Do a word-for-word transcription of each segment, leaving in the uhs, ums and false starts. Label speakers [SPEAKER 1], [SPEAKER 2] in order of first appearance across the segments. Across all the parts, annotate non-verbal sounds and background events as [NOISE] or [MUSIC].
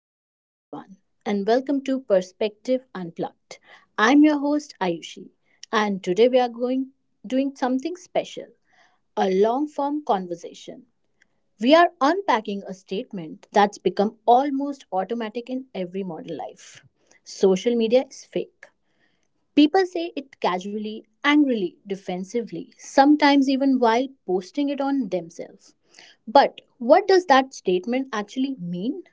[SPEAKER 1] Hello, everyone, and welcome to Perspective Unplugged. I'm your host, Ayushi, and today we are going doing something special, a long form conversation. We are unpacking a statement that's become almost automatic in every modern life: social media is fake. People say it casually, angrily, defensively, sometimes even while posting it on themselves. But what does that statement actually mean?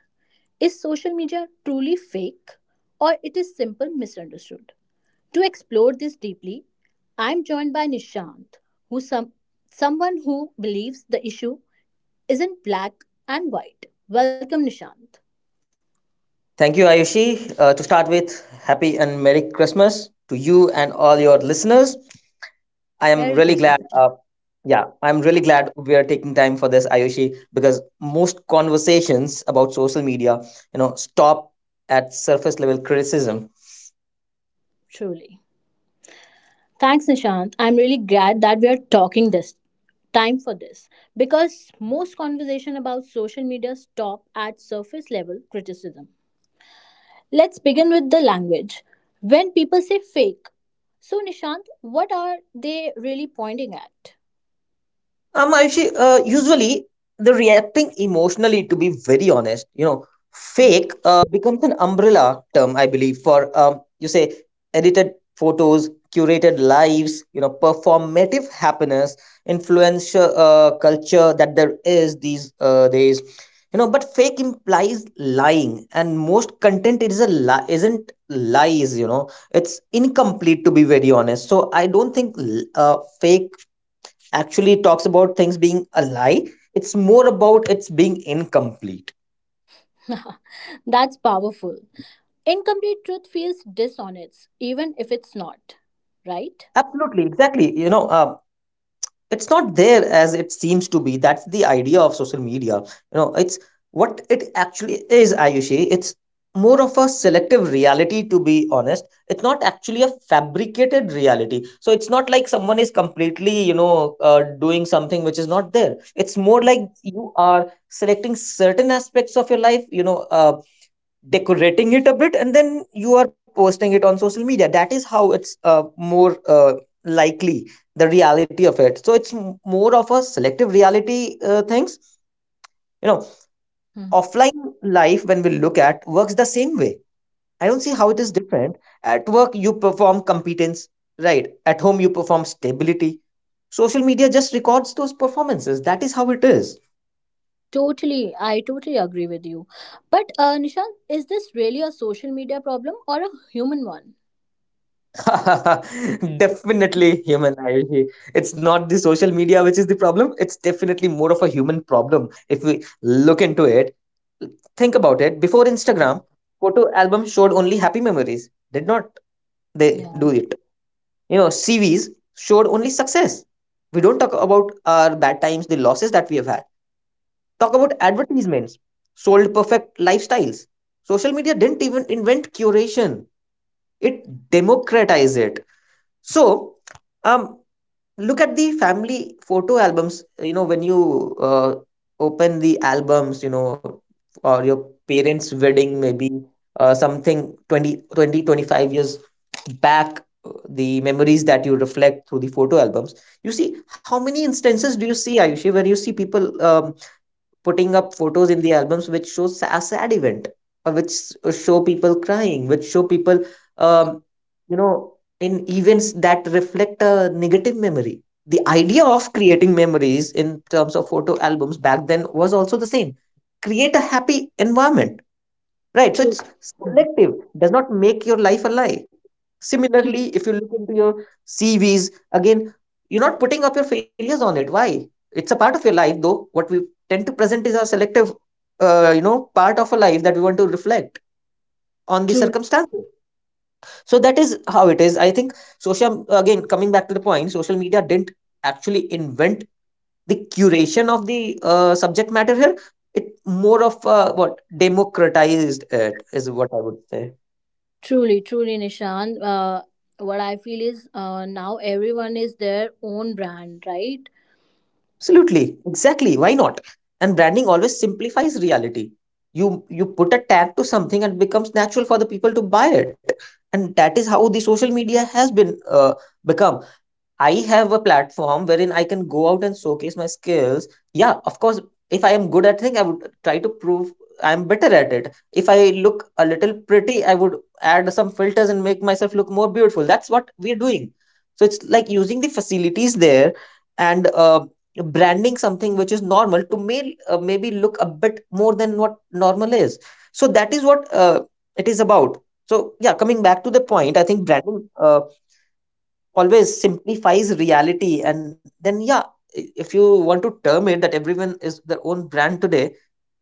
[SPEAKER 1] Is social media truly fake, or it is simple misunderstood? To explore this deeply, I'm joined by Nishant, who some someone who believes the issue isn't black and white. Welcome Nishant.
[SPEAKER 2] Thank you, Ayushi. Uh, to start with, happy and Merry Christmas to you and all your listeners. I
[SPEAKER 1] Merry
[SPEAKER 2] am really
[SPEAKER 1] Christmas
[SPEAKER 2] glad.
[SPEAKER 1] Nishant.
[SPEAKER 2] Uh, yeah, I'm really glad we are taking time for this, Ayushi, because most conversations about social media, you know, stop at surface level criticism.
[SPEAKER 1] Truly. Thanks Nishant. I'm really glad that we are talking this time for this because most conversation about social media stop at surface level criticism. Let's begin with the language. When people say fake, so Nishant, what are they really pointing at?
[SPEAKER 2] Um, actually, uh, usually the reacting emotionally, to be very honest, you know,
[SPEAKER 1] Mm.
[SPEAKER 2] fake uh, becomes an umbrella term, I believe, for um, you say edited photos, curated lives, you know, performative happiness, influencer uh, culture that there is these uh, days, you know. But fake implies lying, and most content is a li- isn't lies, you know. It's incomplete, to be very honest. So I don't think l- uh, fake actually talks about things being a lie. It's more about it's being incomplete.
[SPEAKER 1] [LAUGHS] That's powerful. Incomplete truth feels dishonest, even if it's not, right?
[SPEAKER 2] Absolutely, exactly. You know, uh, it's not there as it seems to be. That's the idea of social media. You know, it's what it actually is, Ayushi. It's more of a selective reality, to be honest. It's not actually a fabricated reality. So it's not like someone is completely, you know, uh, doing something which is not there. It's more
[SPEAKER 1] Mhm.
[SPEAKER 2] like you are selecting certain aspects of your life, you know, uh, decorating it a bit, and then you are posting it on social media. That is how it's uh, more uh, likely the reality of it. So it's m- more of a selective reality, uh, things, you know
[SPEAKER 1] Mhm.
[SPEAKER 2] offline life, when we look at, works the same way. I don't see how it is different. At work, you perform competence, right? At home, you perform stability. Social media just records those performances. That is how it is.
[SPEAKER 1] Totally, I totally agree with you. But uh, Nishant, is this really a social media problem or a human one?
[SPEAKER 2] [LAUGHS] Definitely human. I- it's not the social media which is the problem. It's definitely more of a human problem, if we look into it. Think about it. Before Instagram, photo albums showed only happy memories, did not they do
[SPEAKER 1] Yeah,
[SPEAKER 2] it? you know C Vs showed only success. We don't talk about our bad times, the losses that we have had. Talk about advertisements, sold perfect lifestyles. Social media didn't even invent curation, it democratized it. So, um, look at the family photo albums. You know, when you uh, open the albums, you know, or your parents' wedding, maybe, uh, something twenty twenty twenty-five years back, uh, the memories that you reflect through the photo albums. You see, how many instances do you see, Ayushi, where you see people um putting up photos in the albums which shows a sad event, or which s- show people crying, which show people, um, you know, in events that reflect a negative memory? The idea of creating memories in terms of photo albums back then was also the same: create a happy environment, right? So
[SPEAKER 1] true.
[SPEAKER 2] it's
[SPEAKER 1] Mhm.
[SPEAKER 2] selective, does not make your life a lie.
[SPEAKER 1] Tru-
[SPEAKER 2] Similarly, if you look into your C Vs again, you're not putting up your failures on it. Why? It's a part of your life, though. What we tend to present is our selective, uh, you know, part of a life that we want to reflect on the
[SPEAKER 1] True,
[SPEAKER 2] circumstances. So that is how it is. I think social —again coming back to the point social media didn't actually invent the curation of the uh, subject matter here. It, more of uh, what democratized it, is what I would say.
[SPEAKER 1] truly, truly, Nishant. Uh, what I feel is uh, now everyone is their own brand, right?
[SPEAKER 2] Absolutely, exactly. Why not? And branding always simplifies reality. You you put a tag to something, and it becomes natural for the people to buy it. And that is how the social media has been, uh, become. I have a platform wherein I can go out and showcase my skills. Yeah, of course, if I am good at thing, I would try to prove I'm better at it. If I look a little pretty, I would add some filters and make myself look more beautiful. That's what we're doing. So it's like using the facilities there, and uh, branding something which is normal to may, uh, maybe look a bit more than what normal is. So that is what uh, it is about. So yeah, coming back to the point, I think branding, Uh, always simplifies reality. And then yeah, i- if you want to term it that everyone is their own brand today,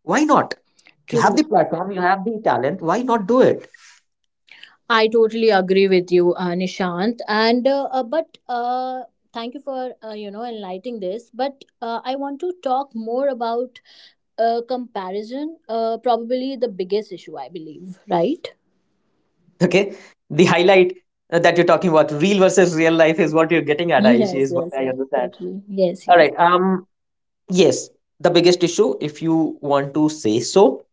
[SPEAKER 2] why not? You have
[SPEAKER 1] Truly.
[SPEAKER 2] the platform, you have the talent, why not do it?
[SPEAKER 1] I totally agree with you, uh, Nishant. And uh, uh, but uh, thank you for uh, you know enlightening this. But uh, I want to talk more about uh, comparison. Uh, probably the biggest issue, I believe. Right?
[SPEAKER 2] [LAUGHS] Okay, the highlight uh, that you're talking about real versus real life is what you're getting at, Ayushi,
[SPEAKER 1] Yes.
[SPEAKER 2] is what
[SPEAKER 1] Yes.
[SPEAKER 2] I
[SPEAKER 1] Yes.
[SPEAKER 2] understand.
[SPEAKER 1] Totally. Yes.
[SPEAKER 2] All
[SPEAKER 1] Yes.
[SPEAKER 2] right. um yes. The biggest issue, if you want to say so,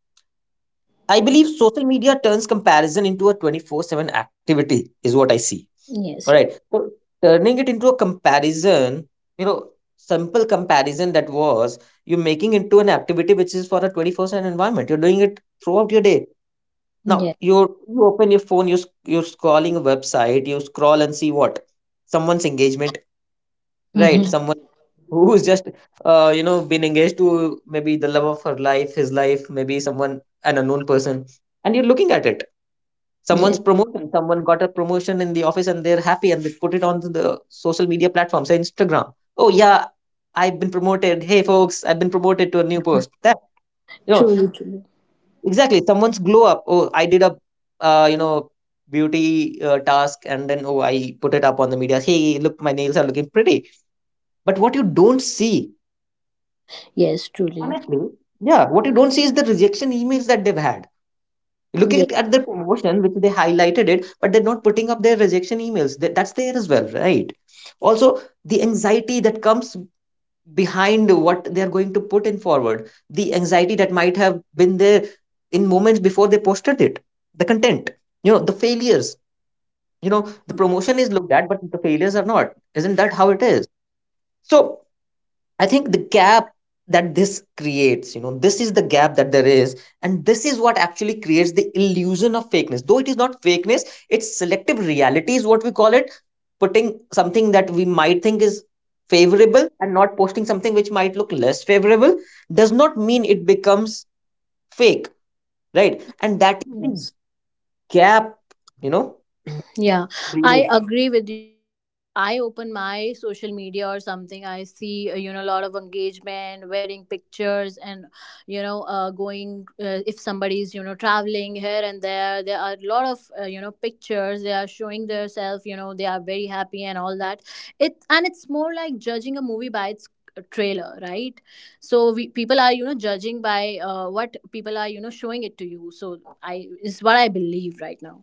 [SPEAKER 2] I believe social media turns comparison into a twenty-four seven activity, is what I see. All
[SPEAKER 1] Yes.
[SPEAKER 2] right. So turning it into a comparison, you know, simple comparison that was you're making into an activity which is for a twenty-four seven environment. You're doing it throughout your day.
[SPEAKER 1] Yes.
[SPEAKER 2] Now,
[SPEAKER 1] Yes.
[SPEAKER 2] you you open your phone, you, you're sc- you're scrolling a website, you scroll and see what? Someone's engagement. Right,
[SPEAKER 1] Hmm.
[SPEAKER 2] someone [LAUGHS] who's just uh, you know been engaged to maybe the love of her life, his life, maybe someone an unknown person, and you're looking at it.
[SPEAKER 1] Yes.
[SPEAKER 2] Someone's promotion, someone got a promotion in the office, and they're happy, and they put it on the social media platforms, say Instagram. Oh yeah, I've been promoted. Hey folks, I've been promoted to a new post. That you know
[SPEAKER 1] Truly. Truly.
[SPEAKER 2] exactly. Someone's glow up. Oh, I did a uh, you know beauty uh, task, and then oh, I put it up on the media. Hey, look, my nails are looking pretty. But what you don't see—
[SPEAKER 1] Yes. Truly.
[SPEAKER 2] honestly, yeah, what you don't see is the rejection emails that they've had. You look at,
[SPEAKER 1] Yes.
[SPEAKER 2] at their promotion, which they highlighted it, but they're not putting up their rejection emails. That, that's there as well, right? Also, the anxiety that comes behind what they're going to put in forward, the anxiety that might have been there in moments before they posted it, the content, you know, the failures. You know, the promotion is looked at, but the failures are not. Isn't that how it is? So I think the gap that this creates, you know, this is the gap that there is, and this is what actually creates the illusion of fakeness. Though it is not fakeness, it's selective reality, is what we call it, putting something that we might think is favorable and not posting something which might look less favorable does not mean it becomes fake, right? And that is the
[SPEAKER 1] Yes.
[SPEAKER 2] gap, you know,
[SPEAKER 1] Yeah, I
[SPEAKER 2] creates.
[SPEAKER 1] agree with you because if I open my social media or something, I see uh, you know a lot of engagement, wedding pictures, and you know uh, going uh, if somebody's you know traveling here and there, there are a lot of uh, you know pictures. They are showing themselves, you know, they are very happy and all that. It and it's more like judging a movie by its uh, trailer, right? So we people are you know judging by uh, what people are you know showing it to you. So I is what I believe right now.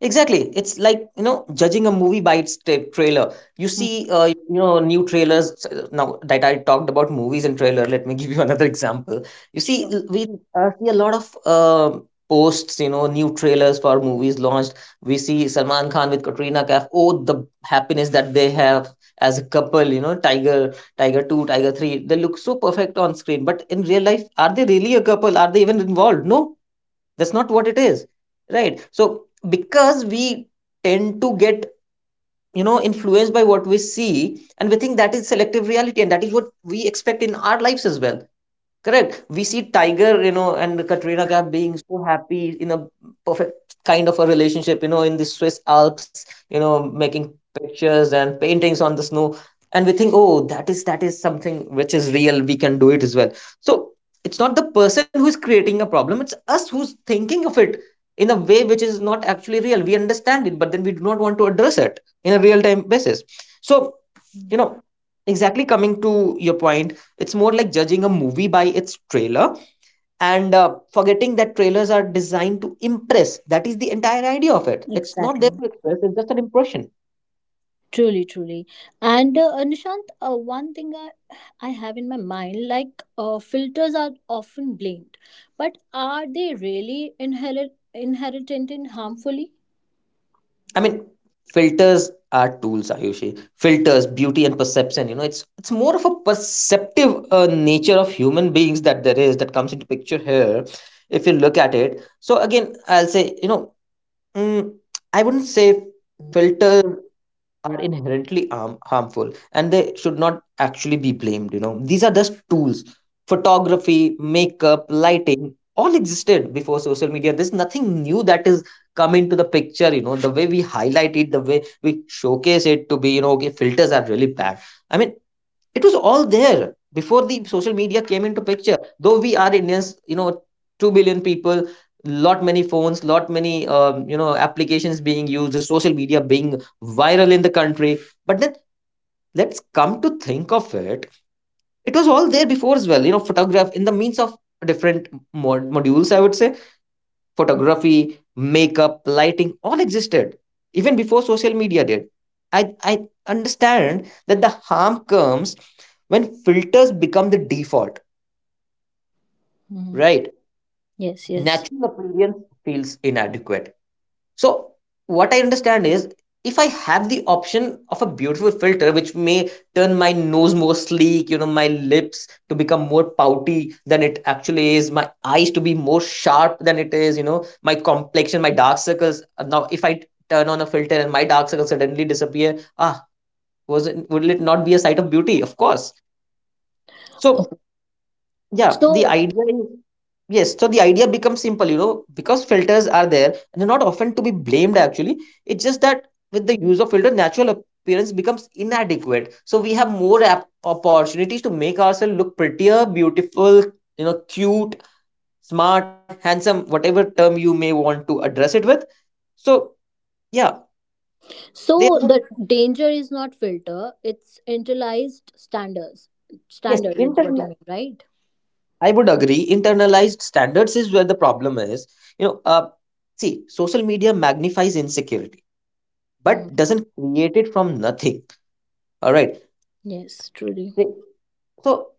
[SPEAKER 2] Exactly. It's like, you know, judging a movie by its tra- trailer. You
[SPEAKER 1] Mm.
[SPEAKER 2] see, uh, you know, new trailers. s- Now that I talked about movies and trailer, let me [LAUGHS] give you another example. You see,
[SPEAKER 1] Sure.
[SPEAKER 2] l- we uh, see a lot of uh, posts, you know, new trailers for movies launched. We see Salman Khan with Katrina Kaif. Oh, the happiness that they have as a couple, you know, Tiger, Tiger two, Tiger three. They look so perfect on screen. But in real life, are they really a couple? Are they even involved? No, that's not what it is, right? So because we tend to get, you know, influenced by what we see, and we think that is selective reality, and that is what we expect in our lives as well. Correct. We see Tiger, you know, and Katrina Kaif being so happy in a perfect kind of a relationship, you know, in the Swiss Alps, you know, making pictures and paintings on the snow. And we think, oh, that is that is something which is real. We can do it as well. So it's not the person who's creating a problem, it's us who's thinking of it in a way which is not actually real. We understand it, but then we do not want to address it in a real-time basis. So,
[SPEAKER 1] Mm.
[SPEAKER 2] you know, exactly coming to your point, it's more like judging a movie by its trailer, and uh, forgetting that trailers are designed to impress. That is the entire idea of it. It's not there
[SPEAKER 1] Exactly.
[SPEAKER 2] to express, it's just an impression.
[SPEAKER 1] Truly, truly. And uh, Nishant, uh, one thing I, I have in my mind, like uh, filters are often blamed, but are they really inherit, inherited in harmfully?
[SPEAKER 2] I mean, filters are tools, Ayushi. Filters, beauty, and perception. You know, it's it's more of a perceptive uh, nature of human beings that there is that comes into picture here. If you look at it, so again, I'll say, you know, mm, I wouldn't say filter are inherently harm, harmful, and they should not actually be blamed. You know, these are just tools. Photography, makeup, lighting, all existed before social media. There's nothing new that is come into the picture. You know, the way we highlight it, the way we showcase it to be, you know, okay, filters are really bad. I mean, it was all there before the social media came into picture. Though we are Indians, you know, two billion people, lot many phones, lot many um, you know applications being used, the social media being viral in the country. But then let's come to think of it, it was all there before as well. You know, photograph in the means of different mod- modules, I would say photography, makeup, lighting all existed even before social media did. I, I understand that the harm comes when filters become the default,
[SPEAKER 1] Mhm.
[SPEAKER 2] right?
[SPEAKER 1] Yes, yes.
[SPEAKER 2] Natural appearance feels inadequate. So what I understand is if I have the option of a beautiful filter which may turn my nose more sleek, you know, my lips to become more pouty than it actually is, my eyes to be more sharp than it is, you know, my complexion, my dark circles. uh, Now, if I turn on a filter and my dark circles suddenly disappear, ah, was it, would it not be a sight of beauty? Of course. So
[SPEAKER 1] Okay.
[SPEAKER 2] yeah, the
[SPEAKER 1] So,
[SPEAKER 2] idea is yes. So the idea becomes simple, you know, because filters are there, and they're not often to be blamed. Actually, it's just that with the use of filter, natural appearance becomes inadequate. So we have more app- opportunities to make ourselves look prettier, beautiful, you know, cute, smart, handsome, whatever term you may want to address it with. So yeah, they
[SPEAKER 1] so
[SPEAKER 2] won't.
[SPEAKER 1] the danger is not filter; it's internalized standards.
[SPEAKER 2] Yes,
[SPEAKER 1] Standard is what you
[SPEAKER 2] internal.
[SPEAKER 1] mean, right?
[SPEAKER 2] I would agree. Internalized standards is where the problem is. You know, uh, see, social media magnifies insecurity but
[SPEAKER 1] Hmm.
[SPEAKER 2] doesn't create it from nothing. All right.
[SPEAKER 1] Yes, truly.
[SPEAKER 2] So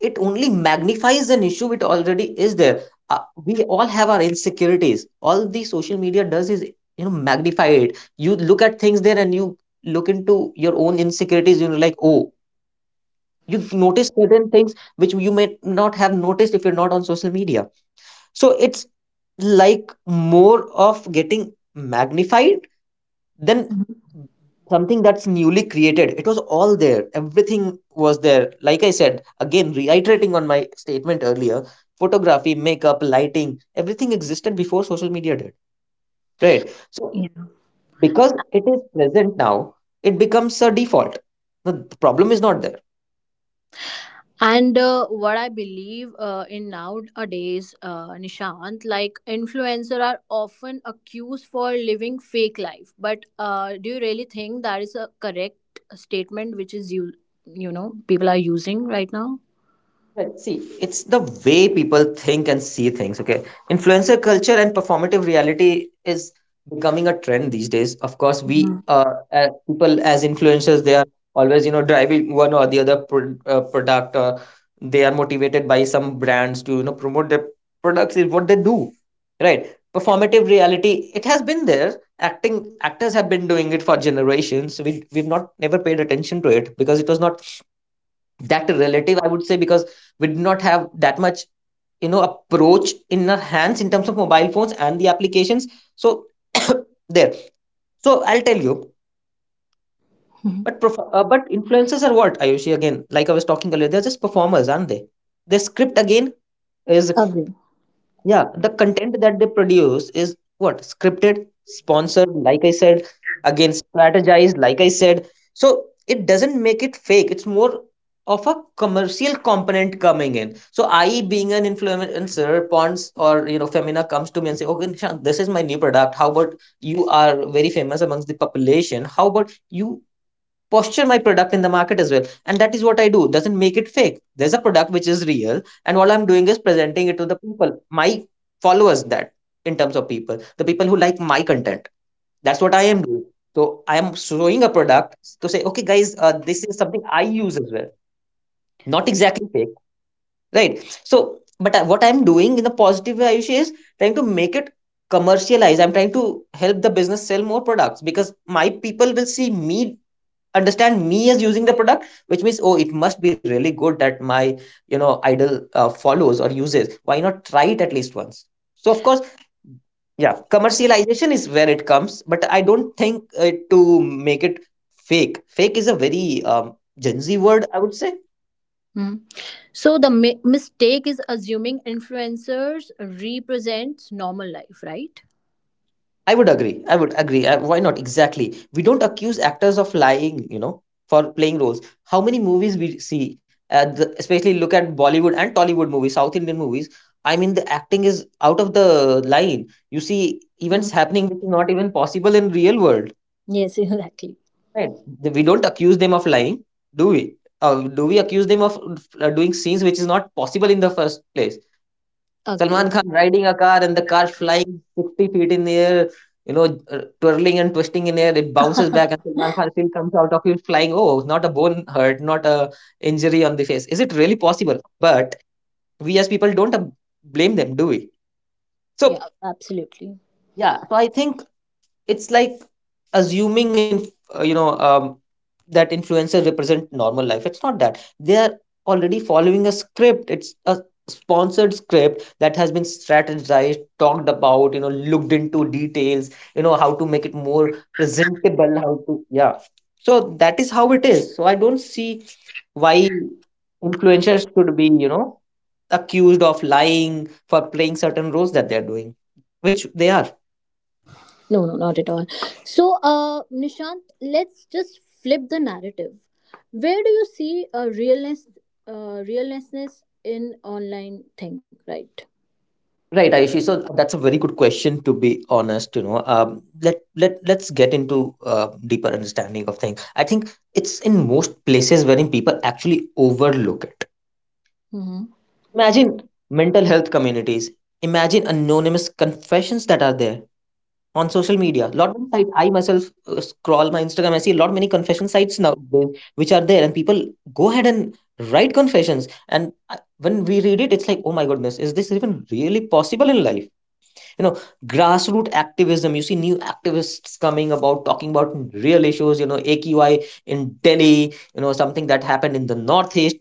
[SPEAKER 2] it only magnifies an issue which already is there. Uh, we all have our insecurities. All the social media does is you know magnify it. You look at things there and you look into your own insecurities. You're like, oh, you notice certain things which you may not have noticed if you're not on social media. So it's like more of getting magnified then
[SPEAKER 1] Mhm.
[SPEAKER 2] something that's newly created. It was all there, everything was there, like I said. Again, reiterating on my statement earlier, photography, makeup, lighting, everything existed before social media did, right? So
[SPEAKER 1] Yeah.
[SPEAKER 2] because it is present now, it becomes a default, the problem is not there.
[SPEAKER 1] And uh, what I believe uh, in nowadays, uh, Nishant, like influencer are often accused for living fake life. But uh, do you really think that is a correct statement, which is you, you know, people are using right now?
[SPEAKER 2] Right. See, it's the way people think and see things. Okay. Influencer culture and performative reality is becoming a trend these days. Of course, we
[SPEAKER 1] Mhm.
[SPEAKER 2] uh, uh, people as influencers, they are always, you know, driving one or the other pro- uh, product. Uh, they are motivated by some brands to, you know, promote their products is what they do. Right. Performative reality, it has been there. Acting actors have been doing it for generations. We we've not never paid attention to it because it was not that relative, I would say, because we did not have that much, you know, approach in our hands in terms of mobile phones and the applications. So [COUGHS] there. So I'll tell you,
[SPEAKER 1] Mhm.
[SPEAKER 2] but prof- uh, but influencers are what, Ayushi? Again, like I was talking earlier, they're just performers, aren't they? Their script again is,
[SPEAKER 1] Agree.
[SPEAKER 2] yeah, the content that they produce is what, scripted, sponsored, like I said. Again, strategized, like I said. So it doesn't make it fake, it's more of a commercial component coming in. So I E being an influencer, Pons or, you know, Femina comes to me and say, okay, Nishant, this is my new product, how about you are very famous amongst the population, how about you posture my product in the market as well, and that is what I do. Doesn't make it fake. There's a product which is real, and all I'm doing is presenting it to the people, my followers, that in terms of people, the people who like my content, that's what I am doing. So I am showing a product to say, okay guys, uh, this is something I use as well. Not exactly fake. Right, so but I- what I'm doing in a positive way, Ayush, is trying to make it commercialize. I'm trying to help the business sell more products because my people will see me, understand me as using the product, which means, oh, it must be really good that my, you know, idol uh, follows or uses. Why not try it at least once? So of course, yeah, commercialization is where it comes, but I don't think, uh, to make it fake. Fake is a very um, gen z word, I would say.
[SPEAKER 1] Mhm. So the mi- mistake is assuming influencers represents normal life, right?
[SPEAKER 2] I would agree. I would agree. Uh, why not? Exactly. We don't accuse actors of lying, you know, for playing roles. How many movies we see, uh, the, especially look at Bollywood and Tollywood movies, South Indian movies. I mean, the acting is out of the line. You see events
[SPEAKER 1] Mhm.
[SPEAKER 2] happening which is not even possible in real world.
[SPEAKER 1] Yes, [LAUGHS] exactly.
[SPEAKER 2] Right? The- We don't accuse them of lying, do we? Uh, do we accuse them of uh, doing scenes which is not possible in the first place?
[SPEAKER 1] Agree.
[SPEAKER 2] Salman Khan riding a car and the car flying sixty feet in the air, you know, uh, twirling and twisting in air. It bounces back and
[SPEAKER 1] [LAUGHS]
[SPEAKER 2] Salman Khan still comes out of it flying. Oh, not a bone hurt, not a injury on the face. Is it really possible? But we as people don't uh, blame them, do we? So,
[SPEAKER 1] Yeah, absolutely.
[SPEAKER 2] yeah. So I think it's like assuming in uh, you know um, that influencers represent normal life. It's not that they are already following a script, it's a sponsored script that has been strategized, talked about, you know, looked into details, you know, how to make it more presentable, how to, yeah. So that is how it is. So I don't see why influencers should be, you know, accused of lying for playing certain roles that they are doing, which they are.
[SPEAKER 1] No, no, not at all. So, uh, Nishant, let's just flip the narrative. Where do you see a realness, uh, realness in online thing, right?
[SPEAKER 2] Right, Ayushi. So that's a very good question. To be honest, you know, um, let let let's get into uh, deeper understanding of things. I think it's in most places wherein people actually overlook it.
[SPEAKER 1] Mm-hmm.
[SPEAKER 2] Imagine mental health communities. Imagine anonymous confessions that are there on social media. Lot of sites. I myself uh, scroll my Instagram. I see a lot many confession sites now which are there, and people go ahead and write confessions. And I- when we read it, it's like, oh my goodness, is this even really possible in life? You know, grassroots activism. You see new activists coming about talking about real issues, you know, AQI in Delhi, you know, something that happened in the northeast.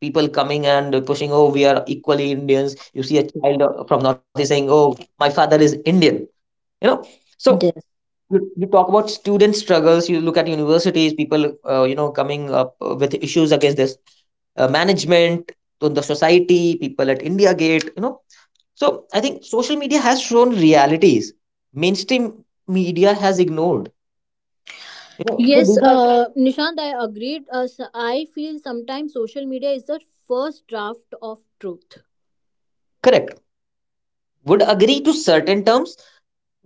[SPEAKER 2] People coming and pushing, oh, we are equally Indians. You see a child, uh, from northeast saying, oh, my father is Indian, you know. So
[SPEAKER 1] Yes.
[SPEAKER 2] you, you talk about student struggles. You look at universities, people, uh, you know coming up, uh, with issues against this uh, management, to the society, people at India Gate, you know. So I think social media has shown realities mainstream media has ignored, you know, so
[SPEAKER 1] Yes,
[SPEAKER 2] these are.
[SPEAKER 1] uh, Nishant, I agreed. Uh, so I feel sometimes social media is the first draft of truth.
[SPEAKER 2] Correct. Would agree to certain terms.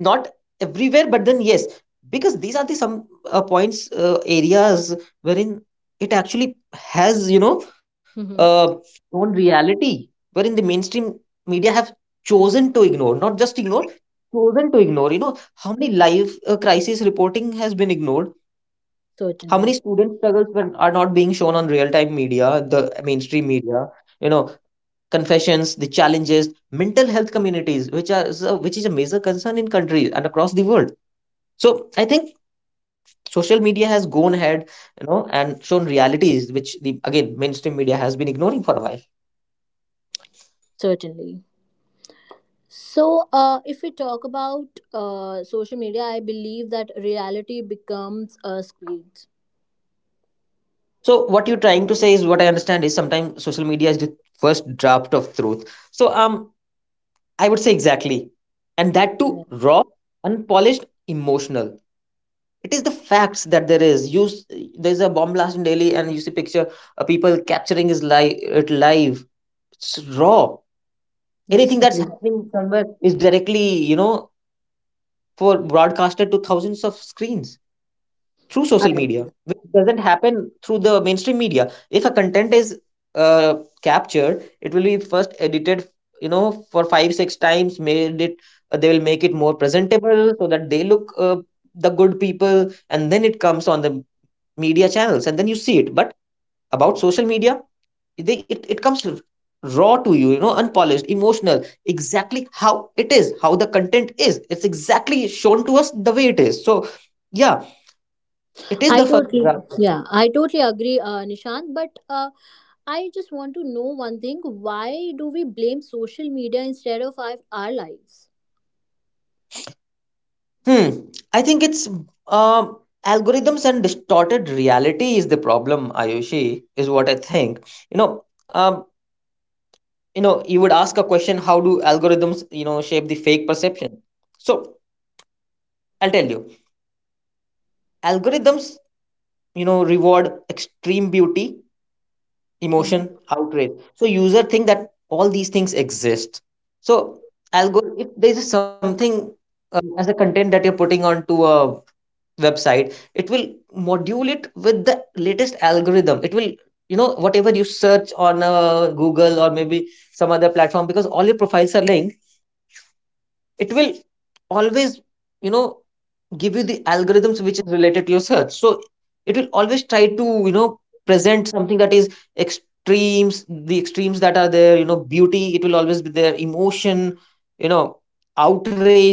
[SPEAKER 2] Not everywhere, but then yes, because these are the some, uh, points, uh, areas wherein it actually has, you know,
[SPEAKER 1] Mm-hmm.
[SPEAKER 2] uh, own reality wherein the mainstream media have chosen to ignore, not just ignore, chosen to ignore, you know, how many live uh, crisis reporting has been ignored. How
[SPEAKER 1] Certainly,
[SPEAKER 2] many student struggles were, are not being shown on real time media, the mainstream media, you know, confessions, the challenges, mental health communities which are is a- which is a major concern in countries and across the world. So I think social media has gone ahead, you know, and shown realities which the, again, mainstream media has been ignoring for a while.
[SPEAKER 1] certainly. So, uh, if we talk about uh, social media, I believe that reality becomes a screen.
[SPEAKER 2] So what you're trying to say is what I understand is, sometimes social media is the first draft of truth. So um I would say, exactly. And that too,
[SPEAKER 1] Yeah.
[SPEAKER 2] raw, unpolished, emotional. It is the facts that there is, you s- there's a bomb blast in Delhi and you see picture, uh, people capturing his live, it live, it's raw.
[SPEAKER 1] Yes,
[SPEAKER 2] Anything that's
[SPEAKER 1] agree.
[SPEAKER 2] happening somewhere is directly, you know, for broadcasted to thousands of screens through social media, which doesn't happen through the mainstream media. If a content is uh, captured, it will be first edited, you know, for five six times, made it, uh, they will make it more presentable so that they look, uh, the good people, and then it comes on the media channels and then you see it. But about social media, they, it, it comes raw to you, you know, unpolished, emotional, exactly how it is, how the content is, it's exactly shown to us the way it is. So yeah, it is
[SPEAKER 1] I
[SPEAKER 2] the first
[SPEAKER 1] totally,
[SPEAKER 2] draft of it.
[SPEAKER 1] yeah, I totally agree, uh, Nishant. But uh, I just want to know one thing: why do we blame social media instead of our, our lives?
[SPEAKER 2] Hmm. I think it's um algorithms and distorted reality is the problem, Ayushi, is what I think. you know um you know you would ask a question, how do algorithms, you know shape the fake perception? So I'll tell you. Algorithms, you know, reward extreme beauty, emotion,
[SPEAKER 1] Mhm.
[SPEAKER 2] outrage, so user think that all these things exist. So algorithm, if there is something uh, as a content that you're putting onto a website, it will module it with the latest algorithm. It will, you know, whatever you search on uh, Google or maybe some other platform, because all your profiles are linked, it will always, you know, give you the algorithms which is related to your search. So it will always try to, you know, present something that is extremes, the extremes that are there, you know, beauty, it will always be there, emotion, you know, outrage.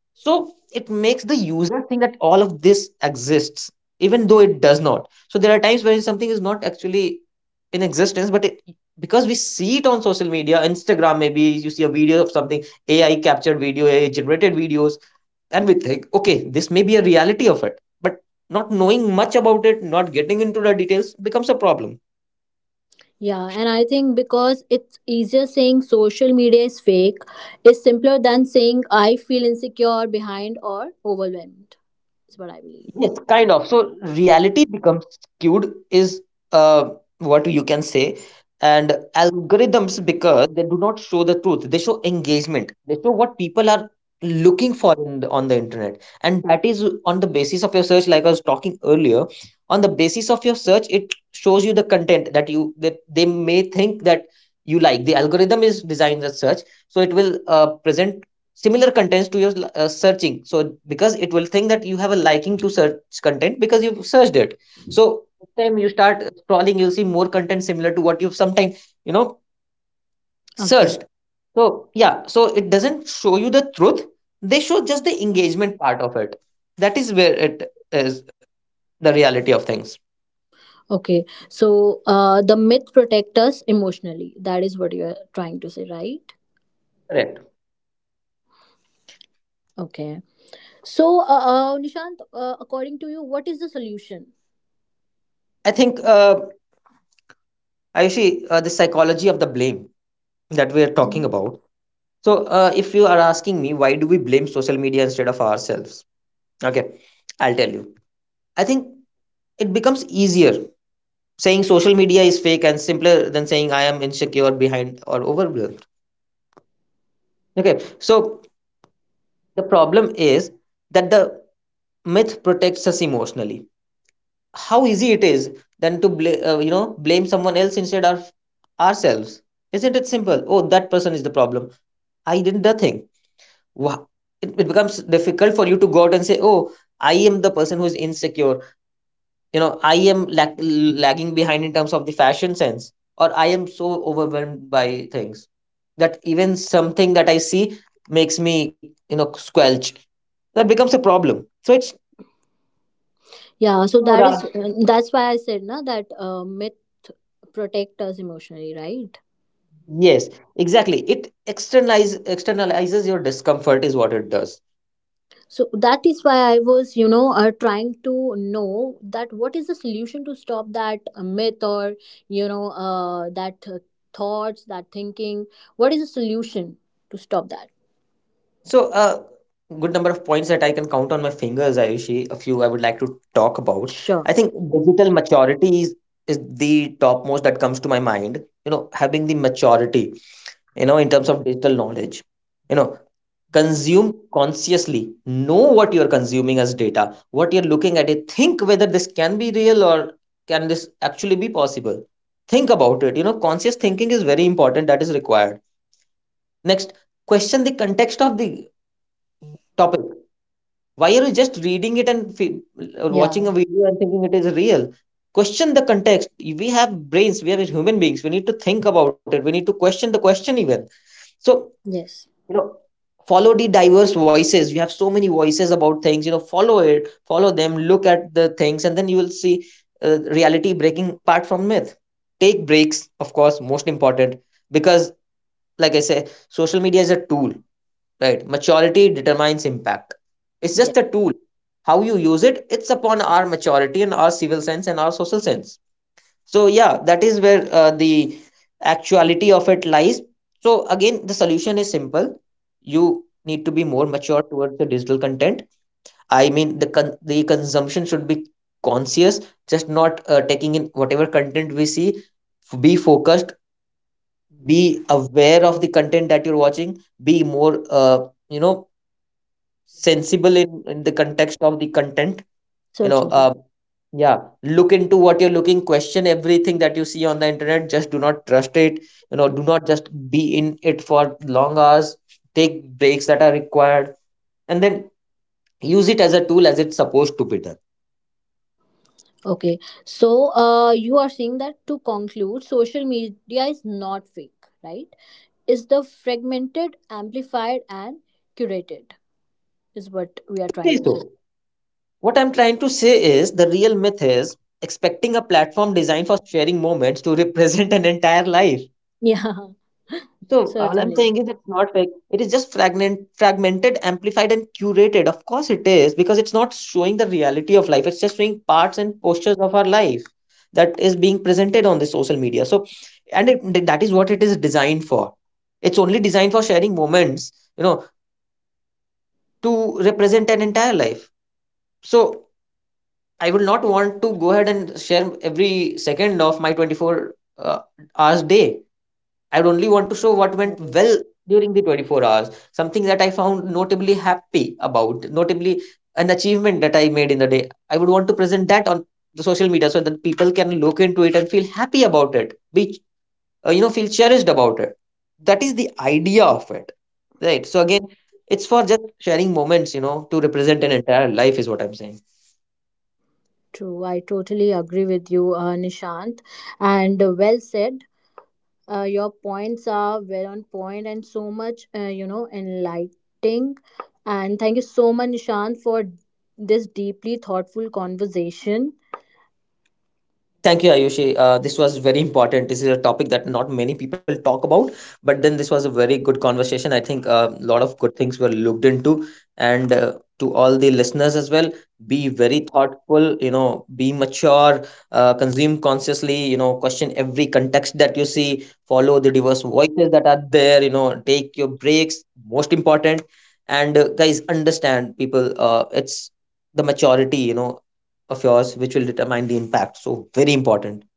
[SPEAKER 2] So it makes the user think that all of this exists, even though it does not. So there are times when something is not actually in existence, but it, because we see it on social media, Instagram, maybe you see a video of something, AI captured video, AI generated videos, and we think, okay, this may be a reality of it, but not knowing much about it, not getting into the details becomes a problem.
[SPEAKER 1] Yeah, and I think because it's easier saying social media is fake is simpler than saying I feel insecure, behind, or overwhelmed. Is what I believe.
[SPEAKER 2] Yes, kind of. So reality becomes skewed is uh, what you can say. And algorithms, because they do not show the truth, they show engagement. They show what people are looking for in the, on the internet. And that is on the basis of your search, like I was talking earlier. On the basis of your search, it shows you the content that you that they may think that you like. The algorithm is designed as such, so it will uh, present similar contents to your uh, searching. So because it will think that you have a liking to search content because you've searched it, so time you start scrolling, you'll see more content similar to what you've sometime, you know,
[SPEAKER 1] Agree.
[SPEAKER 2] searched. So yeah, so it doesn't show you the truth. They show just the engagement part of it. That is where it is, the reality of things.
[SPEAKER 1] Okay. So uh, the myth protect us emotionally. That is what you are trying to say, right?
[SPEAKER 2] Correct.
[SPEAKER 1] Okay. So, uh, uh, Nishant, uh, according to you, what is the solution?
[SPEAKER 2] I think uh, Ayushi, uh, the psychology of the blame that we are talking about, so uh, if you are asking me, why do we blame social media instead of ourselves? Okay, I'll tell you. I think it becomes easier saying social media is fake and simpler than saying I am insecure, behind, or overwhelmed. Okay, so the problem is that the myth protects us emotionally. How easy it is then to bla- uh, you know, blame someone else instead of ourselves. Isn't it simple? Oh, that person is the problem. I did nothing. Wow. It, it becomes difficult for you to go out and say, "Oh, I am the person who is insecure. you know I am lag- lagging behind in terms of the fashion sense, or I am so overwhelmed by things that even something that I see makes me, you know, squelch. That becomes a problem. So it's,
[SPEAKER 1] Yeah, so
[SPEAKER 2] no,
[SPEAKER 1] that is
[SPEAKER 2] rather,
[SPEAKER 1] that's why I said na that uh, myth protect us emotionally, right?
[SPEAKER 2] yes, exactly it. Externalize externalizes your discomfort is what it does.
[SPEAKER 1] So that is why I was, you know, uh, trying to know that what is the solution to stop that uh, myth or you know uh, that uh, thoughts, that thinking. What is the solution to stop that?
[SPEAKER 2] So a good number of points that I can count on my fingers, Ayushi, a few I would like to talk about. I
[SPEAKER 1] Sure.
[SPEAKER 2] think digital maturity is, is the topmost that comes to my mind. You know, having the maturity, you know, in terms of digital knowledge, you know, consume consciously, know what you're consuming as data, what you're looking at it, think whether this can be real or can this actually be possible. Think about it. You know, conscious thinking is very important, that is required. Next, question the context of the topic. Why are you just reading it and fe- or
[SPEAKER 1] Yeah.
[SPEAKER 2] watching a video and thinking it is real? Question the context. We have brains, we are human beings. We need to think about it. We need to question the question even. So,
[SPEAKER 1] Yes.
[SPEAKER 2] you know, follow the diverse voices. You have so many voices about things, you know, follow it, follow them, look at the things, and then you will see uh, reality breaking apart from myth. Take breaks, of course, most important, because, like I say, social media is a tool. Right, maturity determines impact. It's
[SPEAKER 1] Yes.
[SPEAKER 2] just a tool. How you use it, it's upon our maturity and our civil sense and our social sense. So yeah, that is where uh, the actuality of it lies. So again, the solution is simple. You need to be more mature towards the digital content. I mean, the con- the consumption should be conscious, just not uh, taking in whatever content we see. F- be focused, be aware of the content that you're watching, be more uh, you know sensible in, in the context of the content. you know
[SPEAKER 1] Certainly.
[SPEAKER 2] uh, yeah, look into what you're looking, question everything that you see on the internet, just do not trust it. You know, do not just be in it for long hours. Take breaks that are required, and then use it as a tool as it's supposed to be done.
[SPEAKER 1] Okay. So uh, you are saying that to conclude, social media is not fake, right? Is the fragmented, amplified, and curated, is what we are
[SPEAKER 2] Say,
[SPEAKER 1] trying to
[SPEAKER 2] so
[SPEAKER 1] say.
[SPEAKER 2] what I'm trying to say is the real myth is expecting a platform designed for sharing moments to [LAUGHS] represent an entire life.
[SPEAKER 1] Yeah, [LAUGHS]
[SPEAKER 2] So all I'm
[SPEAKER 1] certainly.
[SPEAKER 2] saying is it's not fake. It is just fragment, fragmented, amplified, and curated. Of course, it is, because it's not showing the reality of life. It's just showing parts and postures of our life that is being presented on the social media. So, and it, that is what it is designed for. It's only designed for sharing moments, you know, to represent an entire life. So I will not want to go ahead and share every second of my twenty-four uh, hours day. I only want to show what went well during the twenty-four hours, something that I found notably happy about, notably an achievement that I made in the day. I would want to present that on the social media so that people can look into it and feel happy about it, be uh, you know feel cherished about it. That is the idea of it, right? So again, it's for just sharing moments, you know, to represent an entire life is what I'm saying.
[SPEAKER 1] True. I totally agree with you, uh, Nishant. And uh, well said. Uh, your points are well on point and so much, uh, you know, enlightening. And thank you so much, Nishant, for this deeply thoughtful conversation.
[SPEAKER 2] Thank you, Ayushi. Uh, this was very important. This is a topic that not many people talk about, but then this was a very good conversation. I think a lot of good things were looked into. And uh, to all the listeners as well, be very thoughtful, you know, be mature, uh, consume consciously, you know, question every context that you see, follow the diverse voices that are there, you know, take your breaks, most important. And uh, guys, understand people, uh, it's the maturity, you know, of yours which will determine the impact. So very important.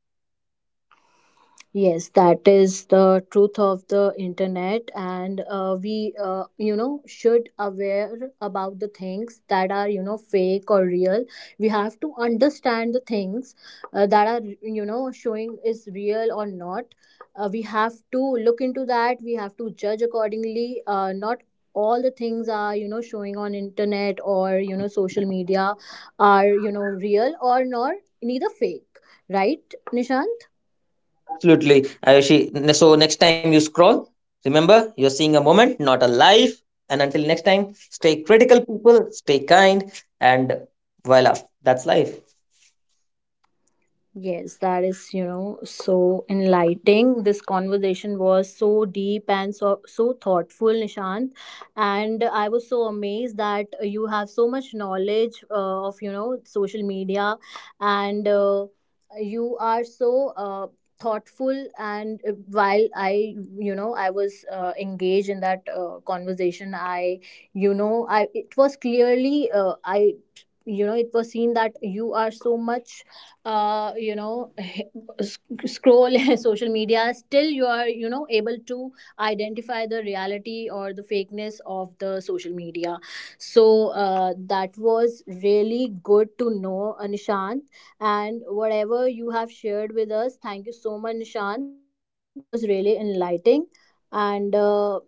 [SPEAKER 1] Yes, that is the truth of the internet, and uh, we, uh, you know, should aware about the things that are, you know, fake or real. We have to understand the things uh, that are, you know, showing is real or not. Uh, we have to look into that. We have to judge accordingly. Uh, not all the things are, you know, showing on internet or you know social media are, you know, real or not, neither fake, right, Nishant?
[SPEAKER 2] Absolutely, Ayushi. So next time you scroll, remember you're seeing a moment, not a life. And until next time, stay critical people, stay kind, and voila, that's life.
[SPEAKER 1] Yes, that is, you know, so enlightening. This conversation was so deep and so so thoughtful, Nishant. And I was so amazed that you have so much knowledge uh, of, you know, social media, and uh, you are so uh, thoughtful. And uh, while I, you know, I was uh, engaged in that uh, conversation, I, you know, I it was clearly uh, I you know it was seen that you are so much uh, you know [LAUGHS] sc- scroll [LAUGHS] social media, still you are you know able to identify the reality or the fakeness of the social media. So uh, that was really good to know, uh, Nishant, and whatever you have shared with us. Thank you so much, Nishant, that was really enlightening. And uh,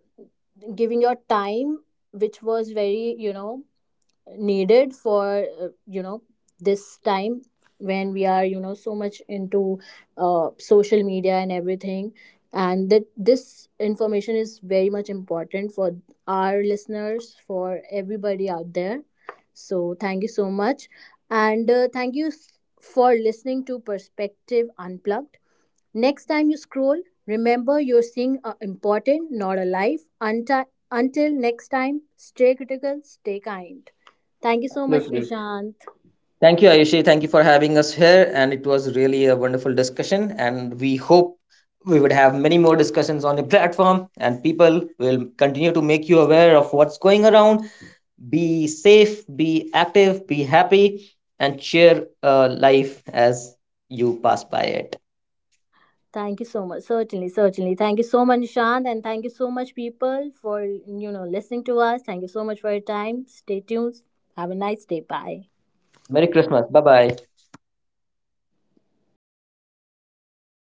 [SPEAKER 1] giving your time, which was very you know needed for uh, you know this time when we are you know so much into uh, social media and everything, and that this information is very much important for our listeners, for everybody out there. So thank you so much, and uh, thank you s- for listening to Perspective Unplugged. Next time you scroll, remember you're seeing a important, not a life. Unti- until next time, stay critical, stay kind. Thank you so much,
[SPEAKER 2] Absolutely.
[SPEAKER 1] Nishant.
[SPEAKER 2] Thank you, Ayushi. Thank you for having us here, and it was really a wonderful discussion, and we hope we would have many more discussions on the platform and people will continue to make you aware of what's going around. Be safe, be active, be happy, and share uh, life as you pass by it.
[SPEAKER 1] Thank you so much. Certainly, certainly. Thank you so much, Nishant, and thank you so much, people, for you know listening to us. Thank you so much for your time. Stay tuned. Have a nice day. Bye.
[SPEAKER 2] Merry Christmas. Bye bye.